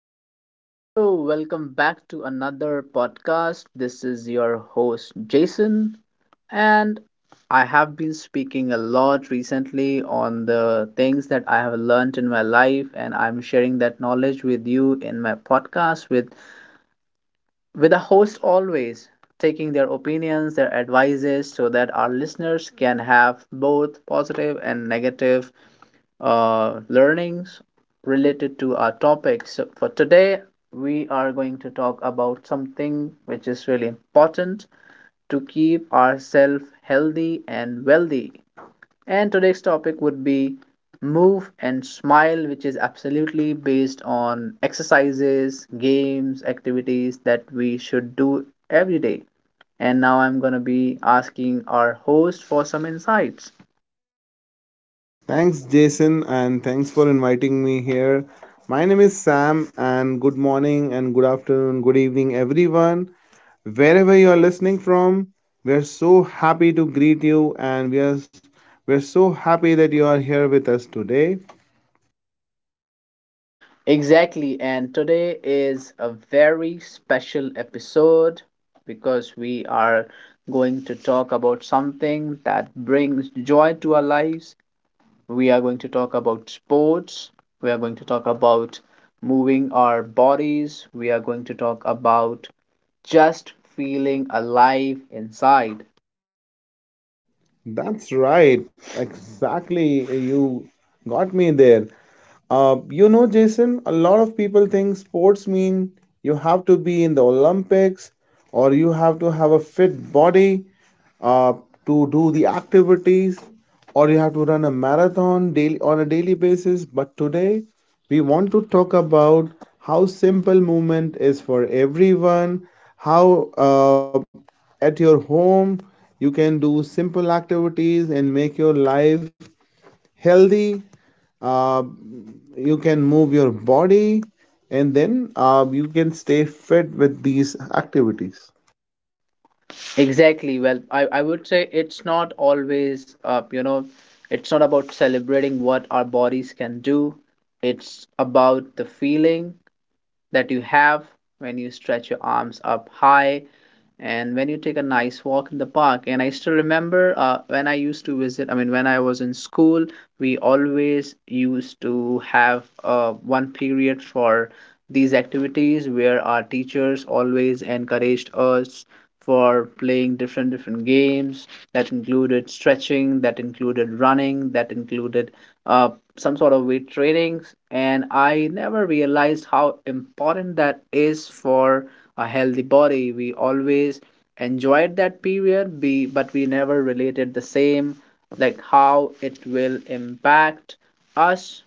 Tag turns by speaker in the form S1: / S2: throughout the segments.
S1: Hello, hello, hello. Welcome back to another podcast. This is your host, Jason, and I have been speaking a lot recently on the things that I have learned in my life, and I'm sharing that knowledge with you in my podcast with a host, always taking their opinions, their advices, so that our listeners can have both positive and negative learnings related to our topics. So, for today, we are going to talk about something which is really important to keep ourselves healthy and wealthy. And today's topic would be Move and Smile, which is absolutely based on exercises, games, activities that we should do every day. And now I'm going to be asking our host for some insights.
S2: Thanks, Jason, and thanks for inviting me here. My name is Sam, and good morning, and good afternoon, good evening, everyone. Wherever you are listening from, we are so happy to greet you, and we're so happy that you are here with us today.
S1: Exactly. And today is a very special episode because we are going to talk about something that brings joy to our lives. We are going to talk about sports. We are going to talk about moving our bodies. We are going to talk about just feeling alive inside.
S2: That's right, exactly. You got me there. Jason, a lot of people think sports mean you have to be in the Olympics or you have to have a fit body uh, to do the activities or you have to run a marathon daily on a daily basis. But today we want to talk about how simple movement is for everyone, how at your home you can do simple activities and make your life healthy. uh, you can move your body, and then you can stay fit with these activities.
S1: Exactly. Well, I would say it's not always, it's not about celebrating what our bodies can do. It's about the feeling that you have when you stretch your arms up high and when you take a nice walk in the park. And I still remember, when I used to visit, I mean when I was in school, we always used to have one period for these activities where our teachers always encouraged us for playing different different games that included stretching, that included running, that included uh, some sort of weight trainings. And I never realized how important that is for a healthy body. We always enjoyed that period, be but we never related the same, like how it will impact us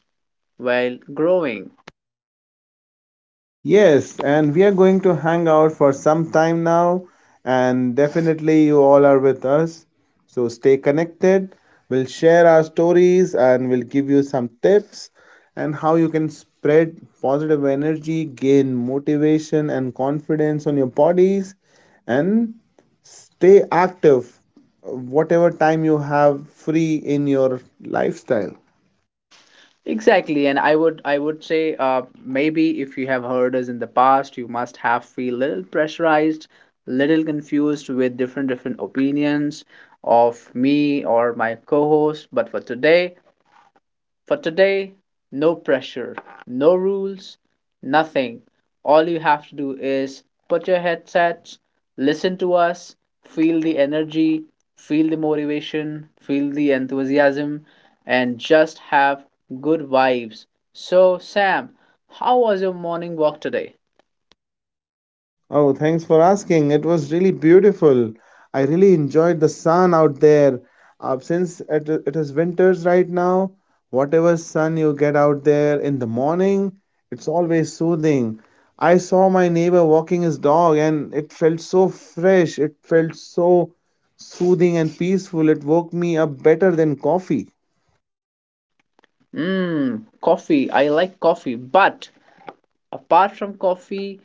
S1: while growing.
S2: Yes, and we are going to hang out for some time now, and definitely you all are with us. So stay connected. We'll share our stories and we'll give you some tips and how you can spread positive energy, gain motivation and confidence on your bodies, and stay active whatever time you have free in your lifestyle.
S1: Exactly, and I would say, maybe if you have heard us in the past, you must have feel little pressurized, little confused with different different opinions of me or my co-host. But for today, no pressure, no rules, nothing. All you have to do is put your headsets, listen to us, feel the energy, feel the motivation, feel the enthusiasm, and just have good vibes. So, Sam, how was your morning walk today?
S2: Oh, thanks for asking. It was really beautiful. I really enjoyed the sun out there. Since it is winters right now, whatever sun you get out there in the morning, it's always soothing. I saw my neighbor walking his dog, and it felt so fresh. It felt so soothing and peaceful. It woke me up better than coffee.
S1: Mmm, coffee. I like coffee. But apart from coffee,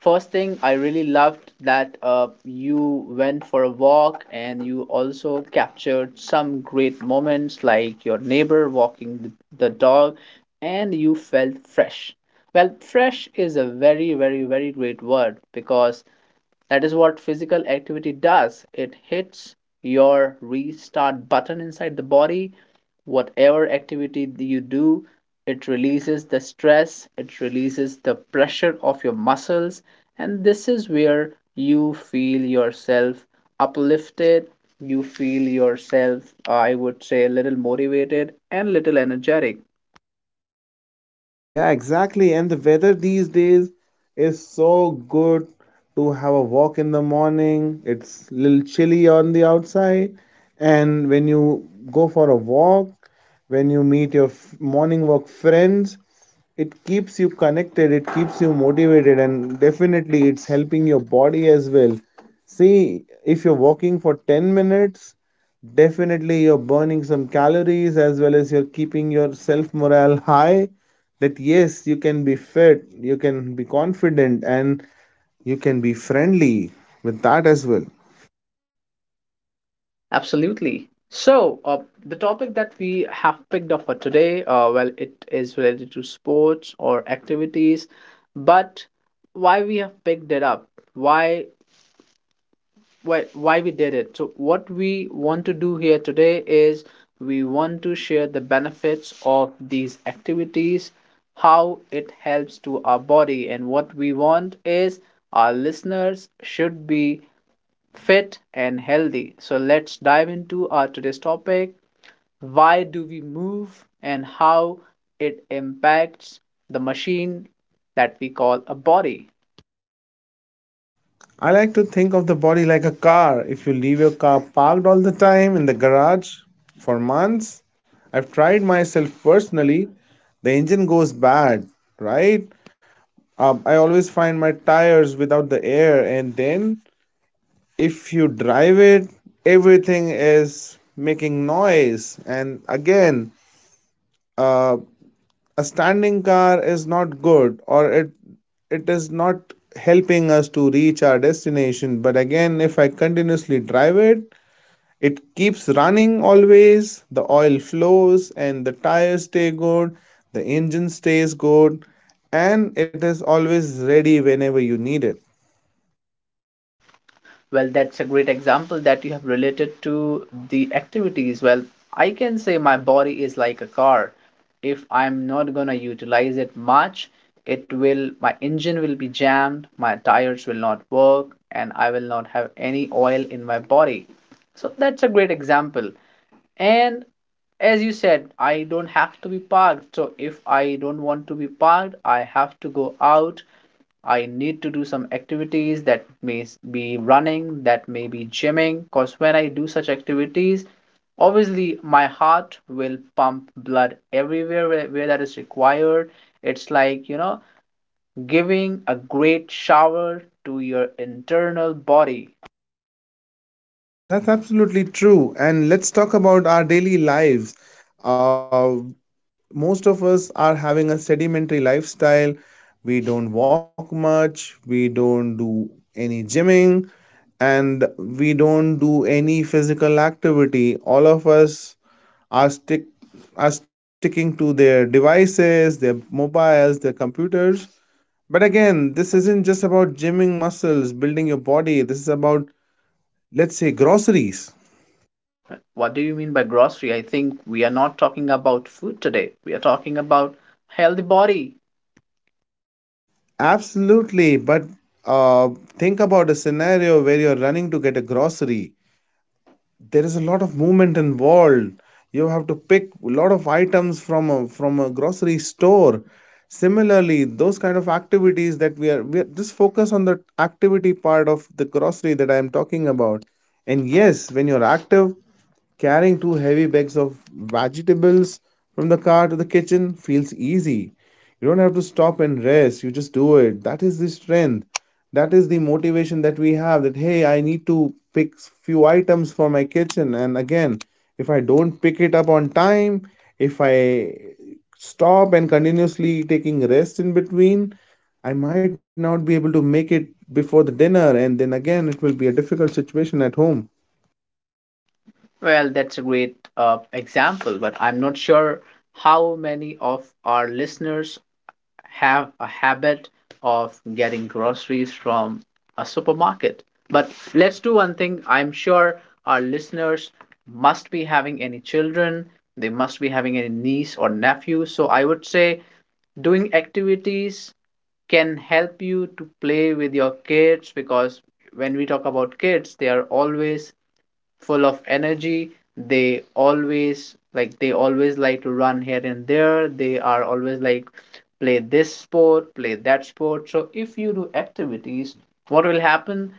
S1: first thing, I really loved that you went for a walk and you also captured some great moments, like your neighbor walking the dog, and you felt fresh. Well, fresh is a very, very, very great word because that is what physical activity does. It hits your restart button inside the body. Whatever activity you do, it releases the stress, it releases the pressure of your muscles, and this is where you feel yourself uplifted. You feel yourself, I would say, a little motivated and little energetic.
S2: Yeah, exactly. And the weather these days is so good to have a walk in the morning. It's a little chilly on the outside. And when you go for a walk, when you meet your morning walk friends, it keeps you connected, it keeps you motivated, and definitely it's helping your body as well. See, if you're walking for 10 minutes, definitely you're burning some calories as well as you're keeping your self morale high, that yes, you can be fit, you can be confident, and you can be friendly with that as well.
S1: Absolutely. So, the topic that we have picked up for today, well, it is related to sports or activities, but why we have picked it up, why, why we did it. So, what we want to do here today is we want to share the benefits of these activities, how it helps to our body, and what we want is our listeners should be fit and healthy. So let's dive into our today's topic. Why do we move and how it impacts the machine that we call a body?
S2: I like to think of the body like a car. If you leave your car parked all the time in the garage for months, I've tried myself personally, the engine goes bad, right? I always find my tires without the air, and then if you drive it, everything is making noise. And again, uh, a standing car is not good, or it is not helping us to reach our destination. But again, if I continuously drive it, it keeps running, always the oil flows and the tires stay good, the engine stays good, and it is always ready whenever you need it.
S1: Well, that's a great example that you have related to the activities. Well, I can say my body is like a car. If I'm not gonna utilize it much, it will my engine will be jammed, my tires will not work, and I will not have any oil in my body. So that's a great example. And as you said, I don't have to be parked. So if I don't want to be parked, I have to go out. I need to do some activities that may be running, that may be gymming. Because when I do such activities, obviously my heart will pump blood everywhere where that is required. It's like, you know, giving a great shower to your internal body.
S2: That's absolutely true. And let's talk about our daily lives. uh, Most of us are having a sedentary lifestyle. We don't walk much, we don't do any gymming, and we don't do any physical activity. All of us are stick are sticking to their devices, their mobiles, their computers. But again, this isn't just about gymming muscles, building your body. This is about, let's say, groceries.
S1: What do you mean by grocery? I think we are not talking about food today. We are talking about healthy body.
S2: Absolutely, but uh, think about a scenario where you're running to get a grocery. There is a lot of movement involved. You have to pick a lot of items from a grocery store. Similarly, those kind of activities that we are just focus on the activity part of the grocery that I am talking about. And yes, when you're active, carrying two heavy bags of vegetables from the car to the kitchen feels easy. You don't have to stop and rest, you just do it. That is the strength. That is the motivation that we have, that hey, I need to pick few items for my kitchen. And again, if I don't pick it up on time, if I stop and continuously taking rest in between, I might not be able to make it before the dinner, and then again it will be a difficult situation at home.
S1: Well, that's a great example, but I'm not sure how many of our listeners have a habit of getting groceries from a supermarket. But let's do one thing. I'm sure our listeners must be having any children, they must be having any niece or nephew. So I would say doing activities can help you to play with your kids, because when we talk about kids, they are always full of energy. They always like they always like to run here and there. They are always like, play this sport, play that sport. So if you do activities, what will happen?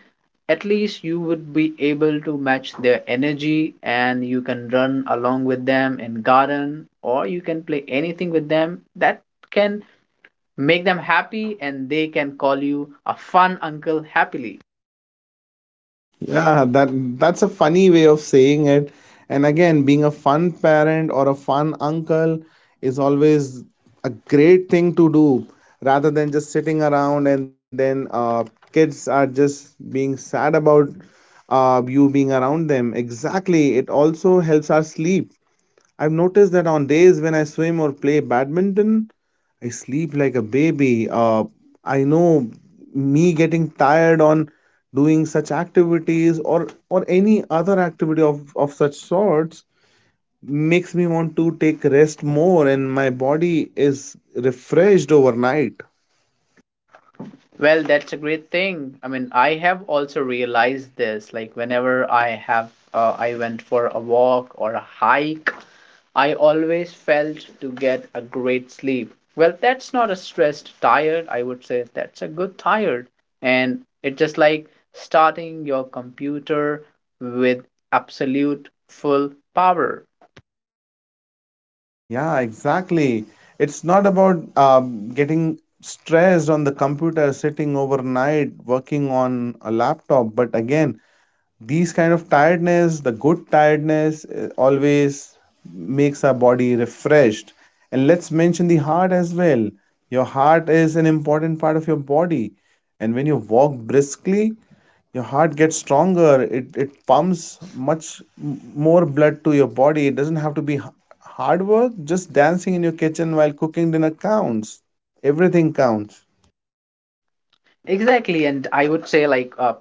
S1: At least you would be able to match their energy and you can run along with them in garden, or you can play anything with them that can make them happy, and they can call you a fun uncle happily.
S2: Yeah, that's a funny way of saying it. And again, being a fun parent or a fun uncle is always a great thing to do, rather than just sitting around and then kids are just being sad about you being around them. Exactly. It also helps our sleep. I've noticed that on days when I swim or play badminton, I sleep like a baby. I know me getting tired on doing such activities or any other activity of such sorts makes me want to take rest more, and my body is refreshed overnight.
S1: Well, that's a great thing. I mean, I have also realized this. Like, whenever I have, I went for a walk or a hike, I always felt to get a great sleep. Well, that's not a stressed tired, I would say. That's a good tired. And it's just like starting your computer with absolute full power.
S2: Yeah, exactly. It's not about getting stressed on the computer, sitting overnight, working on a laptop. But again, these kind of tiredness, the good tiredness, always makes our body refreshed. And let's mention the heart as well. Your heart is an important part of your body. And when you walk briskly, your heart gets stronger. It pumps much more blood to your body. It doesn't have to be hard work. Just dancing in your kitchen while cooking dinner counts. Everything counts.
S1: Exactly. And I would say, like, uh,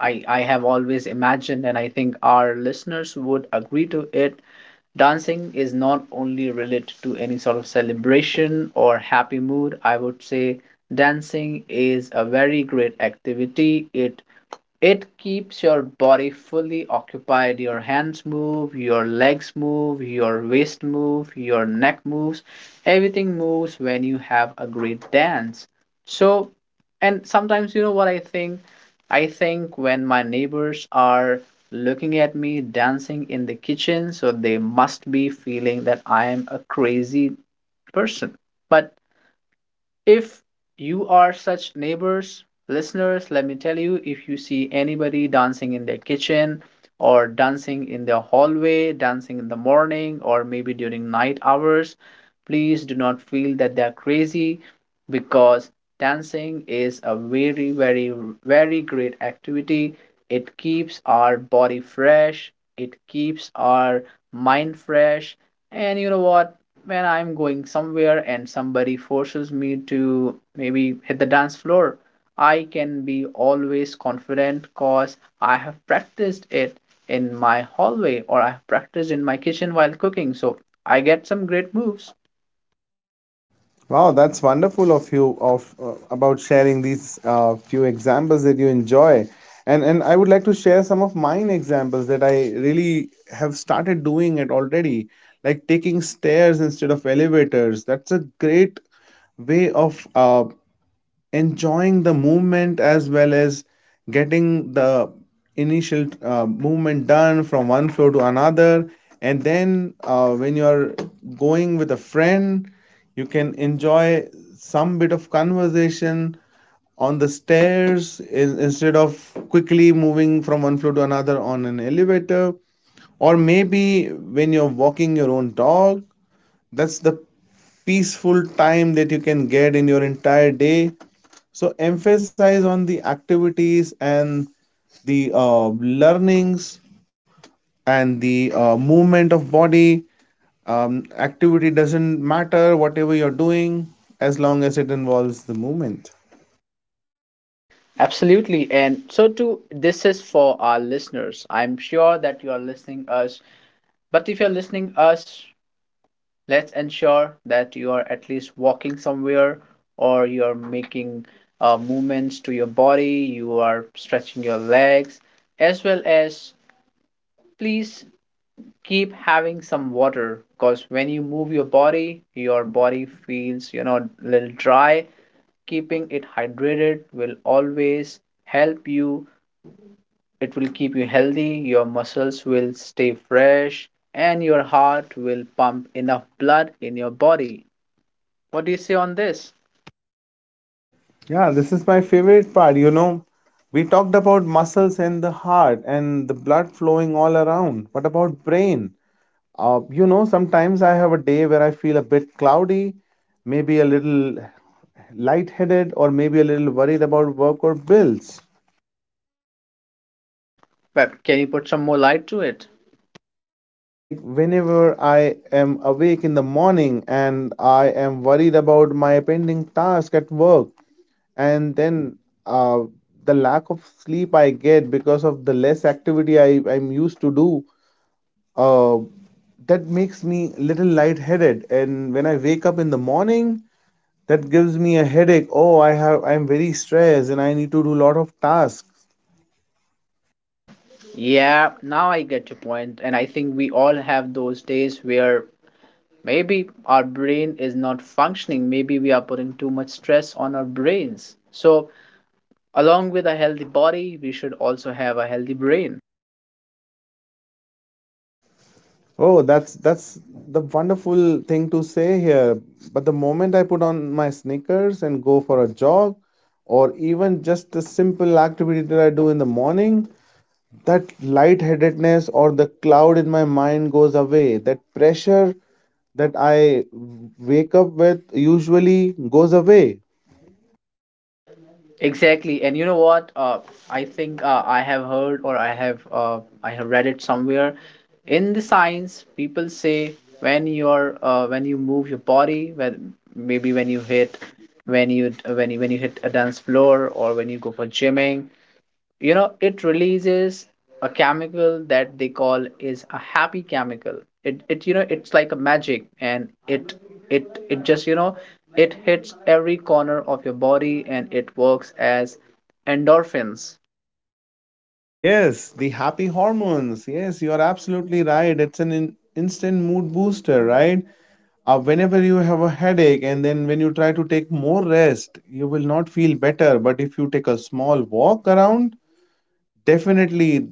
S1: I, I have always imagined, and I think our listeners would agree to it. Dancing is not only related to any sort of celebration or happy mood. I would say dancing is a very great activity. It keeps your body fully occupied. Your hands move, your legs move, your waist move, your neck moves. Everything moves when you have a great dance. So, and sometimes you know what I think? I think when my neighbors are looking at me dancing in the kitchen, so they must be feeling that I am a crazy person. But if you are such neighbors, listeners, let me tell you, if you see anybody dancing in their kitchen or dancing in their hallway, dancing in the morning, or maybe during night hours, please do not feel that they are crazy, because dancing is a very, very, very great activity. It keeps our body fresh, it keeps our mind fresh, and you know what? When I'm going somewhere and somebody forces me to maybe hit the dance floor, I can be always confident because I have practiced it in my hallway, or I have practiced in my kitchen while cooking. So I get some great moves.
S2: Wow, that's wonderful of you of about sharing these few examples that you enjoy. And I would like to share some of mine examples that I really have started doing it already, like taking stairs instead of elevators. That's a great way of enjoying the movement, as well as getting the initial movement done from one floor to another. And then when you are going with a friend, you can enjoy some bit of conversation on the stairs, instead of quickly moving from one floor to another on an elevator. Or maybe when you're walking your own dog, that's the peaceful time that you can get in your entire day. So emphasize on the activities and the learnings and the movement of body. Activity doesn't matter, whatever you're doing, as long as it involves the movement.
S1: Absolutely. And so too, this is for our listeners. I'm sure that you are listening us. But if you're listening us, let's ensure that you are at least walking somewhere, or you're making movements to your body, you are stretching your legs, as well as please keep having some water, because when you move your body feels, you know, a little dry. Keeping it hydrated will always help you. It will keep you healthy, your muscles will stay fresh, and your heart will pump enough blood in your body. What do you say on this?
S2: Yeah, this is my favorite part. You know, we talked about muscles and the heart and the blood flowing all around. What about brain? Sometimes I have a day where I feel a bit cloudy, maybe a little lightheaded, or maybe a little worried about work or bills.
S1: But can you put some more light to it?
S2: Like whenever I am awake in the morning and I am worried about my pending task at work, and then uh, the lack of sleep I get because of the less activity I'm used to do, uh, that makes me a little lightheaded. And when I wake up in the morning, that gives me a headache. Oh, I have, I'm very stressed and I need to do a lot of tasks.
S1: Yeah, now I get your point, and I think we all have those days where maybe our brain is not functioning, maybe we are putting too much stress on our brains. So, along with a healthy body, we should also have a healthy brain.
S2: Oh, that's the wonderful thing to say here. But the moment I put on my sneakers and go for a jog, or even just a simple activity that I do in the morning, that lightheadedness or the cloud in my mind goes away. That pressure that I wake up with usually goes away.
S1: Exactly, and you know what? I think I have heard, or I have read it somewhere. In the science, people say when you're when you move your body, when you hit a dance floor, or when you go for gymming, you know, it releases a chemical that they call is a happy chemical. It you know, it's like a magic, and it just, you know, it hits every corner of your body, and it works as endorphins.
S2: Yes, the happy hormones. Yes, you are absolutely right. It's an in instant mood booster, right? Whenever you have a headache, and then when you try to take more rest, you will not feel better. But if you take a small walk around, definitely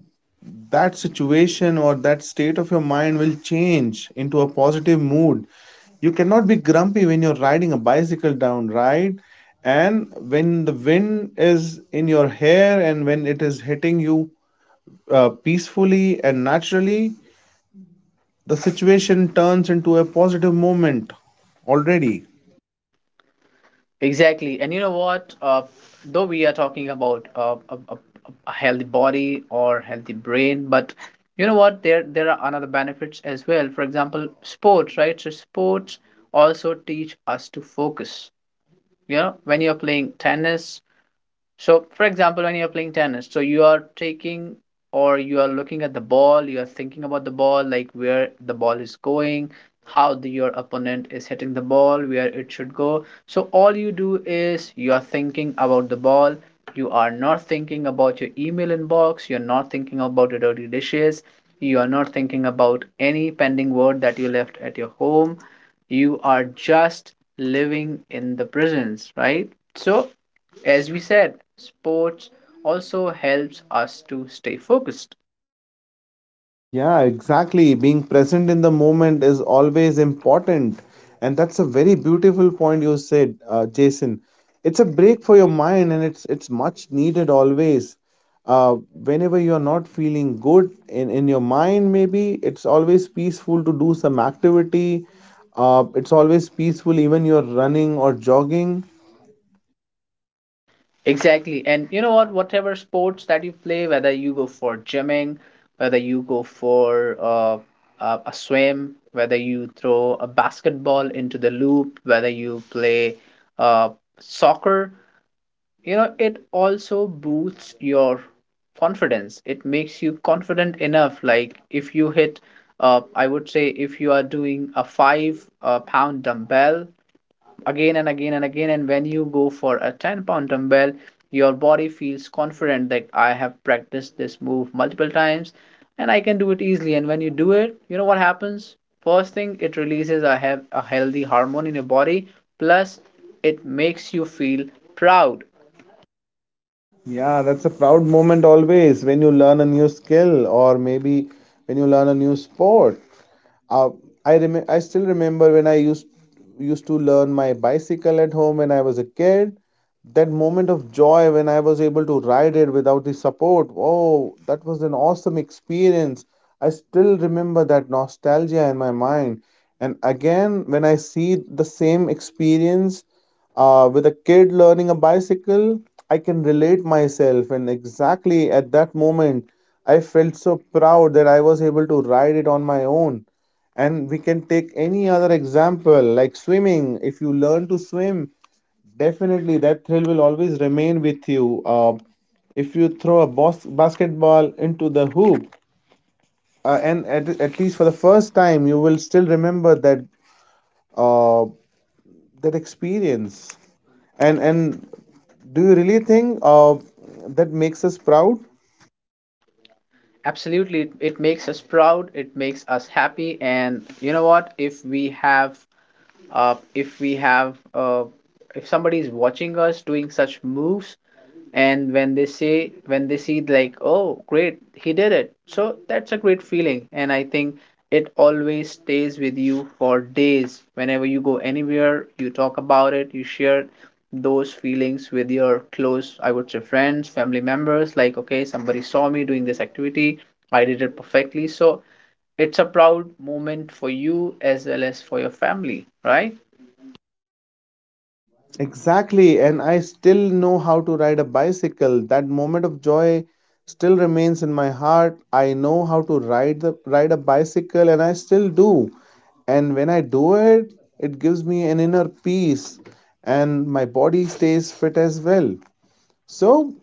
S2: that situation or that state of your mind will change into a positive mood. You cannot be grumpy when you're riding a bicycle down, right? And when the wind is in your hair and when it is hitting you peacefully and naturally, the situation turns into a positive moment already.
S1: Exactly, and you know what, though we are talking about a healthy body or healthy brain, but you know what, there are another benefits as well. For example, sports, right? So sports also teach us to focus. You know, when you're playing tennis, so, for example, when you're playing tennis, so you are taking, or you are looking at the ball, you are thinking about the ball, like where the ball is going, how the, your opponent is hitting the ball, where it should go. So, all you do is you are thinking about the ball, you are not thinking about your email inbox, you're not thinking about your dirty dishes, you are not thinking about any pending word that you left at your home. You are just living in the presence, right? So, as we said, sports also helps us to stay focused.
S2: Yeah, exactly. Being present in the moment is always important. And that's a very beautiful point you said, Jason. It's a break for your mind, and it's much needed always. Whenever you're not feeling good in your mind, maybe it's always peaceful to do some activity. It's always peaceful even you're running or jogging.
S1: Exactly. And you know what? Whatever sports that you play, whether you go for gymming, whether you go for a swim, whether you throw a basketball into the loop, whether you play uh, soccer, you know it also boosts your confidence. It makes you confident enough. Like if you hit I would say, if you are doing a five pound dumbbell again and again and again, and when you go for a 10 pound dumbbell, your body feels confident that I have practiced this move multiple times and I can do it easily. And when you do it, you know what happens? First thing, it releases a healthy hormone in your body, plus it makes you feel proud.
S2: Yeah, that's a proud moment always when you learn a new skill, or maybe when you learn a new sport. Uh, I still remember when I used to learn my bicycle at home when I was a kid. That moment of joy when I was able to ride it without the support. Oh, that was an awesome experience. I still remember that nostalgia in my mind. And again, when I see the same experience with a kid learning a bicycle, I can relate myself. And exactly at that moment, I felt so proud that I was able to ride it on my own. And we can take any other example like swimming. If you learn to swim, definitely that thrill will always remain with you. If you throw a basketball into the hoop, at least for the first time, you will still remember that uh, that experience. And do you really think that makes us proud?
S1: Absolutely, it makes us proud, it makes us happy, and you know what? If we have if we have If somebody is watching us doing such moves, and when they say when they see like, oh great, he did it, so that's a great feeling. And I think it always stays with you for days. Whenever you go anywhere, you talk about it, you share those feelings with your close, I would say, friends, family members, like okay, somebody saw me doing this activity, I did it perfectly. So it's a proud moment for you as well as for your family, right?
S2: Exactly, and I still know how to ride a bicycle. That moment of joy still remains in my heart. I know how to ride the ride a bicycle and I still do. And when I do it, it gives me an inner peace and my body stays fit as well. So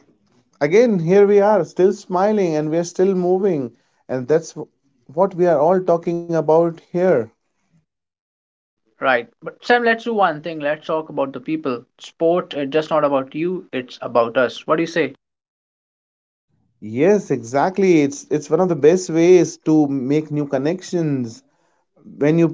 S2: again, here we are, still smiling and we are still moving and what we are all talking about here.
S1: Right. But Sam, let's do one thing. Let's talk about the people. Sport is just not about you, it's about us. What do you say?
S2: Yes, exactly. It's one of the best ways to make new connections when you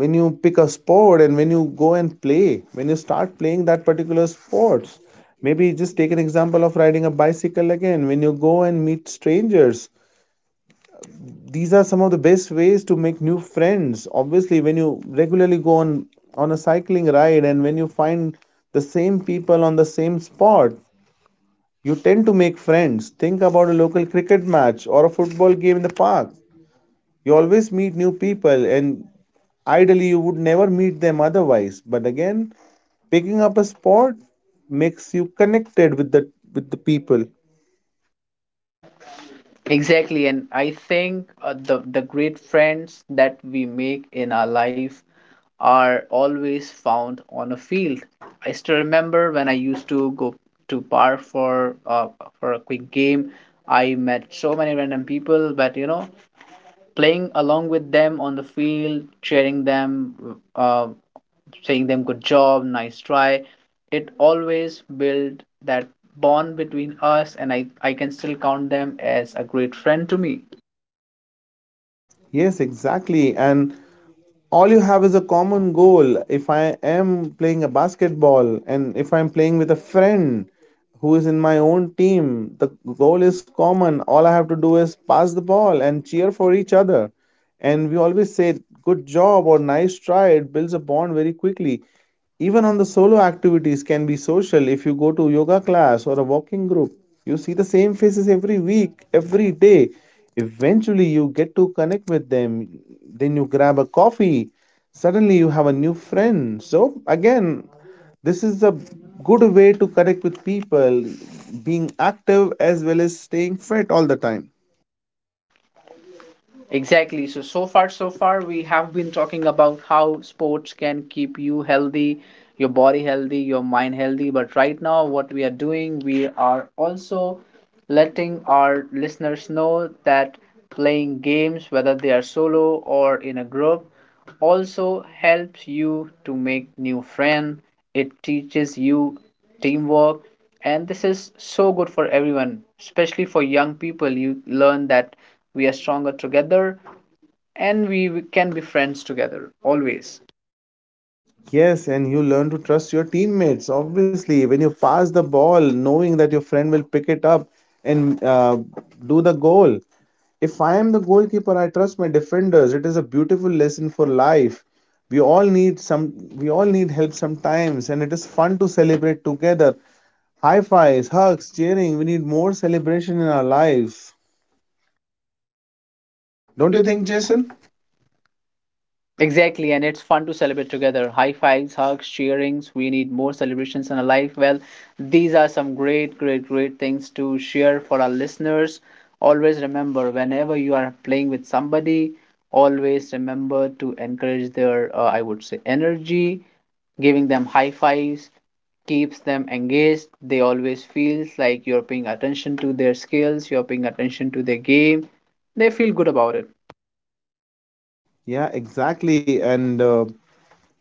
S2: when you pick a sport and when you go and play when you start playing that particular sports, maybe just take an example of riding a bicycle again. When you go and meet strangers, these are some of the best ways to make new friends. Obviously, when you regularly go on a cycling ride and when you find the same people on the same spot, you tend to make friends. Think about a local cricket match or a football game in the park. You always meet new people, and ideally, you would never meet them otherwise. But again, picking up a sport makes you connected with the people.
S1: Exactly. And I think the great friends that we make in our life are always found on a field. I still remember when I used to go to park for a quick game. I met so many random people, but you know, playing along with them on the field, cheering them, uh, saying them good job, nice try. It always build that bond between us, and I can still count them as a great friend to me.
S2: Yes, exactly, and all you have is a common goal. If I am playing a basketball and if I'm playing with a friend who is in my own team, the goal is common. All I have to do is pass the ball and cheer for each other, and we always say good job or nice try. It builds a bond very quickly. Even on the solo activities can be social. If you go to yoga class or a walking group, you see the same faces every week, every day. Eventually, you get to connect with them. Then you grab a coffee. Suddenly, you have a new friend. So, again, this is a good way to connect with people, being active as well as staying fit all the time.
S1: Exactly. So, so far, so far, we have been talking about how sports can keep you healthy, your body healthy, your mind healthy. But right now, what we are doing, we are also letting our listeners know that playing games, whether they are solo or in a group, also helps you to make new friends. It teaches you teamwork, and this is so good for everyone, especially for young people. You learn that we are stronger together, and we can be friends together always.
S2: Yes, and you learn to trust your teammates. Obviously, when you pass the ball, knowing that your friend will pick it up and do the goal. If I am the goalkeeper, I trust my defenders. It is a beautiful lesson for life. We all need some. We all need help sometimes, and it is fun to celebrate together. High fives, hugs, cheering. We need more celebration in our lives. Don't
S1: Don't
S2: you
S1: you think,
S2: think,
S1: Jason?
S2: Jason?
S1: Exactly, and it's fun to celebrate together. High fives, hugs, cheerings. We need more celebrations in our life. Well, these are some great, great, great things to share for our listeners. Always remember, whenever you are playing with somebody, always remember to encourage their, I would say, energy, giving them high fives, keeps them engaged. They always feels like you're paying attention to their skills, you're paying attention to their game. They feel good about it.
S2: Yeah, exactly. And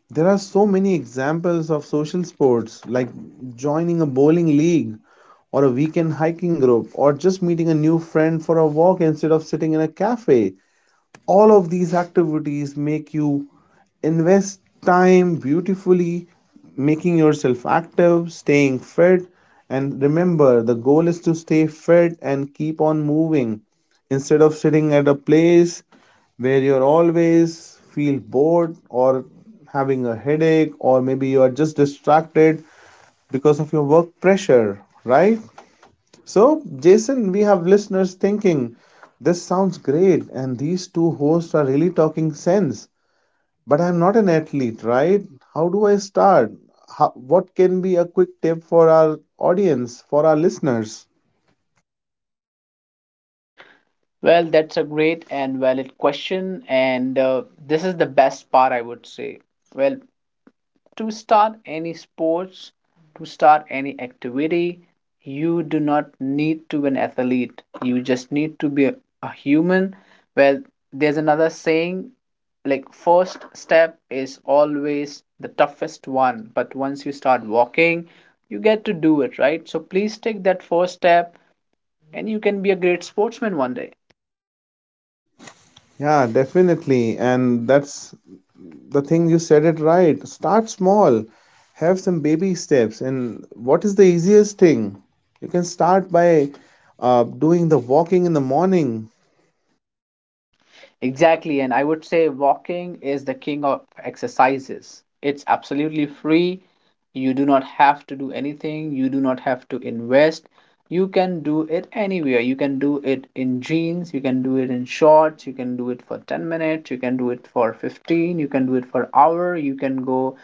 S2: there are so many examples of social sports like joining a bowling league or a weekend hiking group or just meeting a new friend for a walk instead of sitting in a cafe. All of these activities make you invest time beautifully, making yourself active, staying fit. And remember, the goal is to stay fit and keep on moving instead of sitting at a place where you're always feel bored or having a headache or maybe you are just distracted because of your work pressure, right? So, Jason, we have listeners thinking, this sounds great, and these two hosts are really talking sense. But I'm not an athlete, right? How do I start? How, what can be a quick tip for our audience, for our listeners?
S1: Well, that's a great and valid question, and this is the best part, I would say. Well, to start any sports, to start any activity, you do not need to be an athlete. You just need to be a human. Well, there's another saying like, first step is always the toughest one, but once you start walking, you get to do it, right? So please take that first step, and you can be a great sportsman one day.
S2: Yeah, definitely. And that's the thing, you said it right. Start small, have some baby steps. And what is the easiest thing? You can start by doing the walking in the morning.
S1: Exactly, and I would say walking is the king of exercises. It's absolutely free. You do not have to do anything, you do not have to invest. You can do it anywhere. You can do it in jeans, you can do it in shorts, you can do it for 10 minutes, you can do it for 15, you can do it for hour, you can go,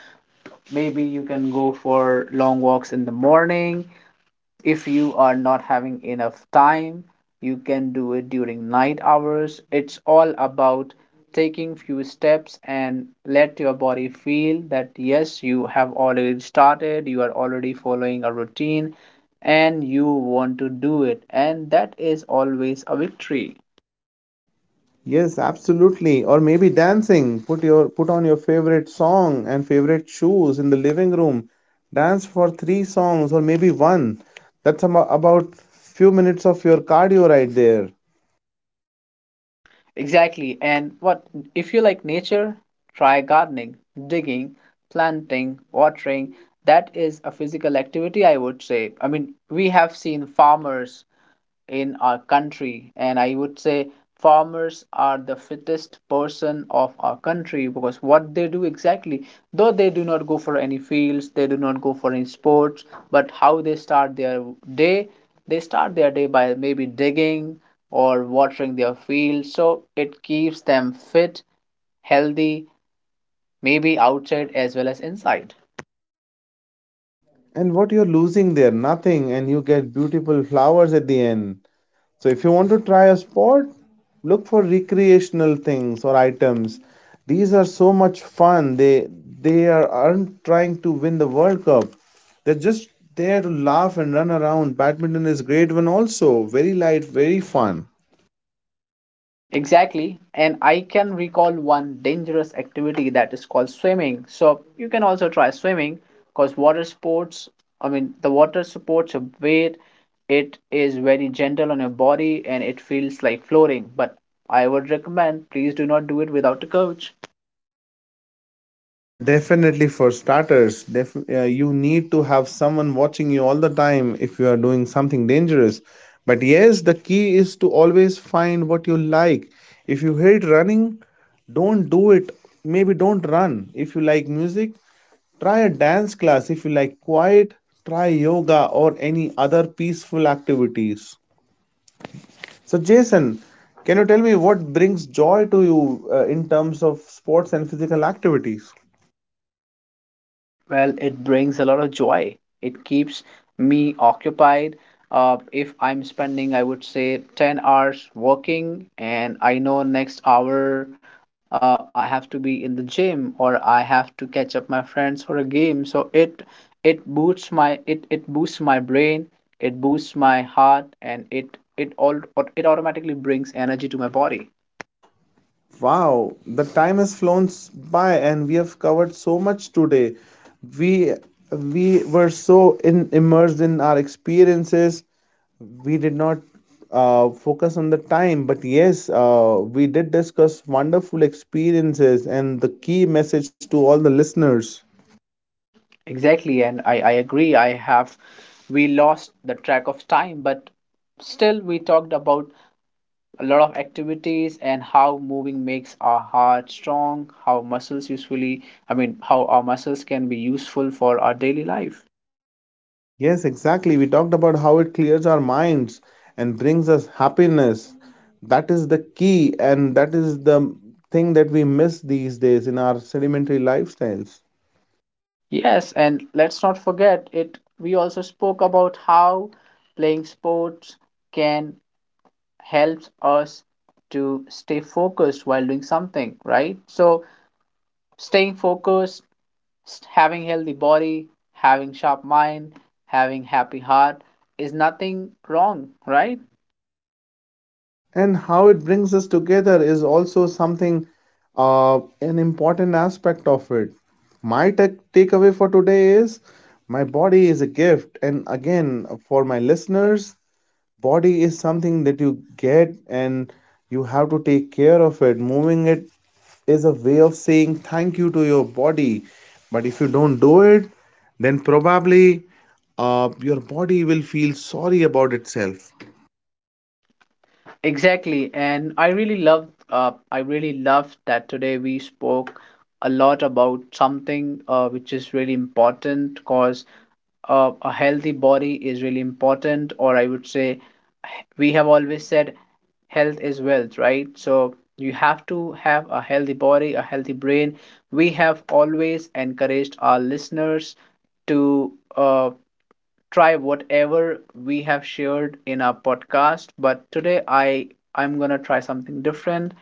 S1: maybe you can go for long walks in the morning. If you are not having enough time, you can do it during night hours. It's all about taking few steps and let your body feel that yes, you have already started, you are already following a routine and you want to do it, and that is always a victory.
S2: Yes, absolutely. Or maybe dancing. Put on your favorite song and favorite shoes in the living room. Dance for three songs or maybe one. That's about few minutes of your cardio right there.
S1: Exactly. And what if you like nature? Try gardening, digging, planting, watering. That is a physical activity, I would say. I mean, we have seen farmers in our country, and I would say farmers are the fittest person of our country. Because what they do exactly, though they do not go for any fields, they do not go for any sports, but how they start their day, they start their day by maybe digging or watering their fields, so it keeps them fit, healthy, maybe outside as well as inside.
S2: And what you're losing there, nothing, and you get beautiful flowers at the end. So if you want to try a sport, look for recreational things or items. These are so much fun. They are, aren't trying to win the World Cup. They're just there to laugh and run around. Badminton is great one also. Very light, very fun.
S1: Exactly. And I can recall one dangerous activity that is called swimming. So you can also try swimming, because water sports, I mean, the water supports your weight. It is very gentle on your body and it feels like floating. But I would recommend, please do not do it without a coach.
S2: Yeah, definitely. For starters, you need to have someone watching you all the time if you are doing something dangerous. But yes, the key is to always find what you like. If you hate running, don't do it. Maybe don't run. If you like music, try a dance class. If you like quiet, try yoga or any other peaceful activities. So, Jason, can you tell me what brings joy to you in terms of sports and physical activities?
S1: Well, it brings a lot of joy. It keeps me occupied. If I'm spending, I would say, 10 hours working, and I know next hour I have to be in the gym or I have to catch up my friends for a game. So it boosts my, it boosts my brain, it boosts my heart, and it all, it automatically brings energy to my body.
S2: Wow, the time has by and we have covered so much today. We we were immersed in our experiences. We did not focus on the time, but yes, we did discuss wonderful experiences and the key message to all the listeners.
S1: Exactly, and I agree. I have We lost the track of time, but still we talked about a lot of activities and how moving makes our heart strong, how muscles usefully, I mean, how our muscles can be useful for our daily life.
S2: Yes, exactly. We talked about how it clears our minds and brings us happiness. That is the key, and that is the thing that we miss these days in our sedimentary lifestyles.
S1: Yes, and let's not forget it. We also spoke about how playing sports can help us to stay focused while doing something, right? So staying focused, having healthy body, having sharp mind, having happy heart is nothing wrong, right?
S2: And how it brings us together is also something, an important aspect of it. My tech takeaway for today is my body is a gift. And again, for my listeners, body is something that you get and you have to take care of it. Moving it is a way of saying thank you to your body, but if you don't do it, then probably your body will feel sorry about itself.
S1: Exactly, and I really love I really love that today we spoke a lot about something which is really important. Because a healthy body is really important, or I would say, we have always said health is wealth, right? So you have to have a healthy body, a healthy brain. We have always encouraged our listeners to uh, try whatever we have shared in our podcast. But today I, I'm gonna try something different.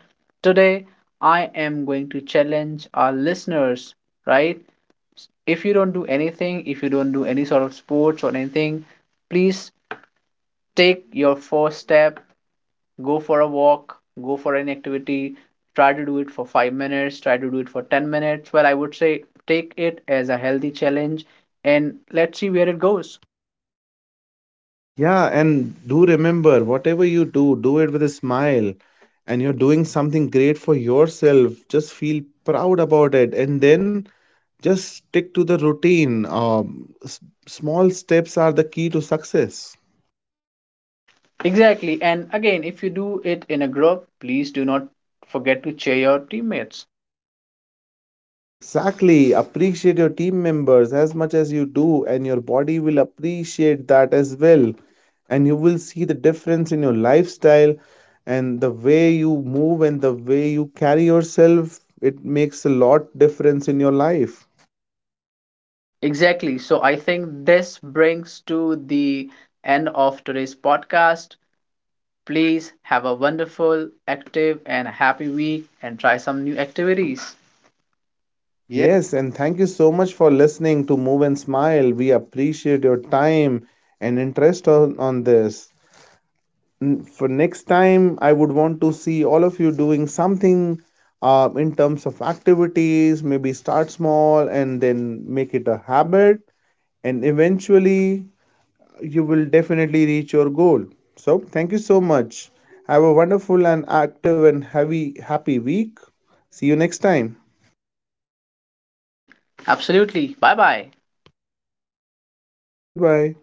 S1: Today I am going to challenge our listeners, right? If you don't do anything, if you don't do any sort of sports or anything, please take your first step, go for a walk, go for an activity, try to do it for 5 minutes, try to do it for 10 minutes. Well, I would say take it as a healthy challenge, and let's see where it goes.
S2: Yeah, and do remember whatever you do, do it with a smile and you're doing something great for yourself. Just feel proud about it and then just stick to the routine. Small steps are the key to success.
S1: Exactly, and again, if you do it in a group, please do not forget to cheer your teammates.
S2: Exactly. Appreciate your team members as much as you do, and your body will appreciate that as well. And you will see the difference in your lifestyle and the way you move and the way you carry yourself. It makes a lot difference in your life.
S1: Exactly, so I think this brings to the end of today's podcast. Please have a wonderful, active and happy week and try some new activities. Yeah.
S2: Yes, and thank you so much for listening to Move and Smile. We appreciate your time and interest on this. For next time, I would want to see all of you doing something in terms of activities. Maybe start small and then make it a habit and eventually you will definitely reach your goal. So thank you so much. Have a wonderful and active and heavy happy week. See you next time.
S1: Absolutely. Bye bye.
S2: Goodbye.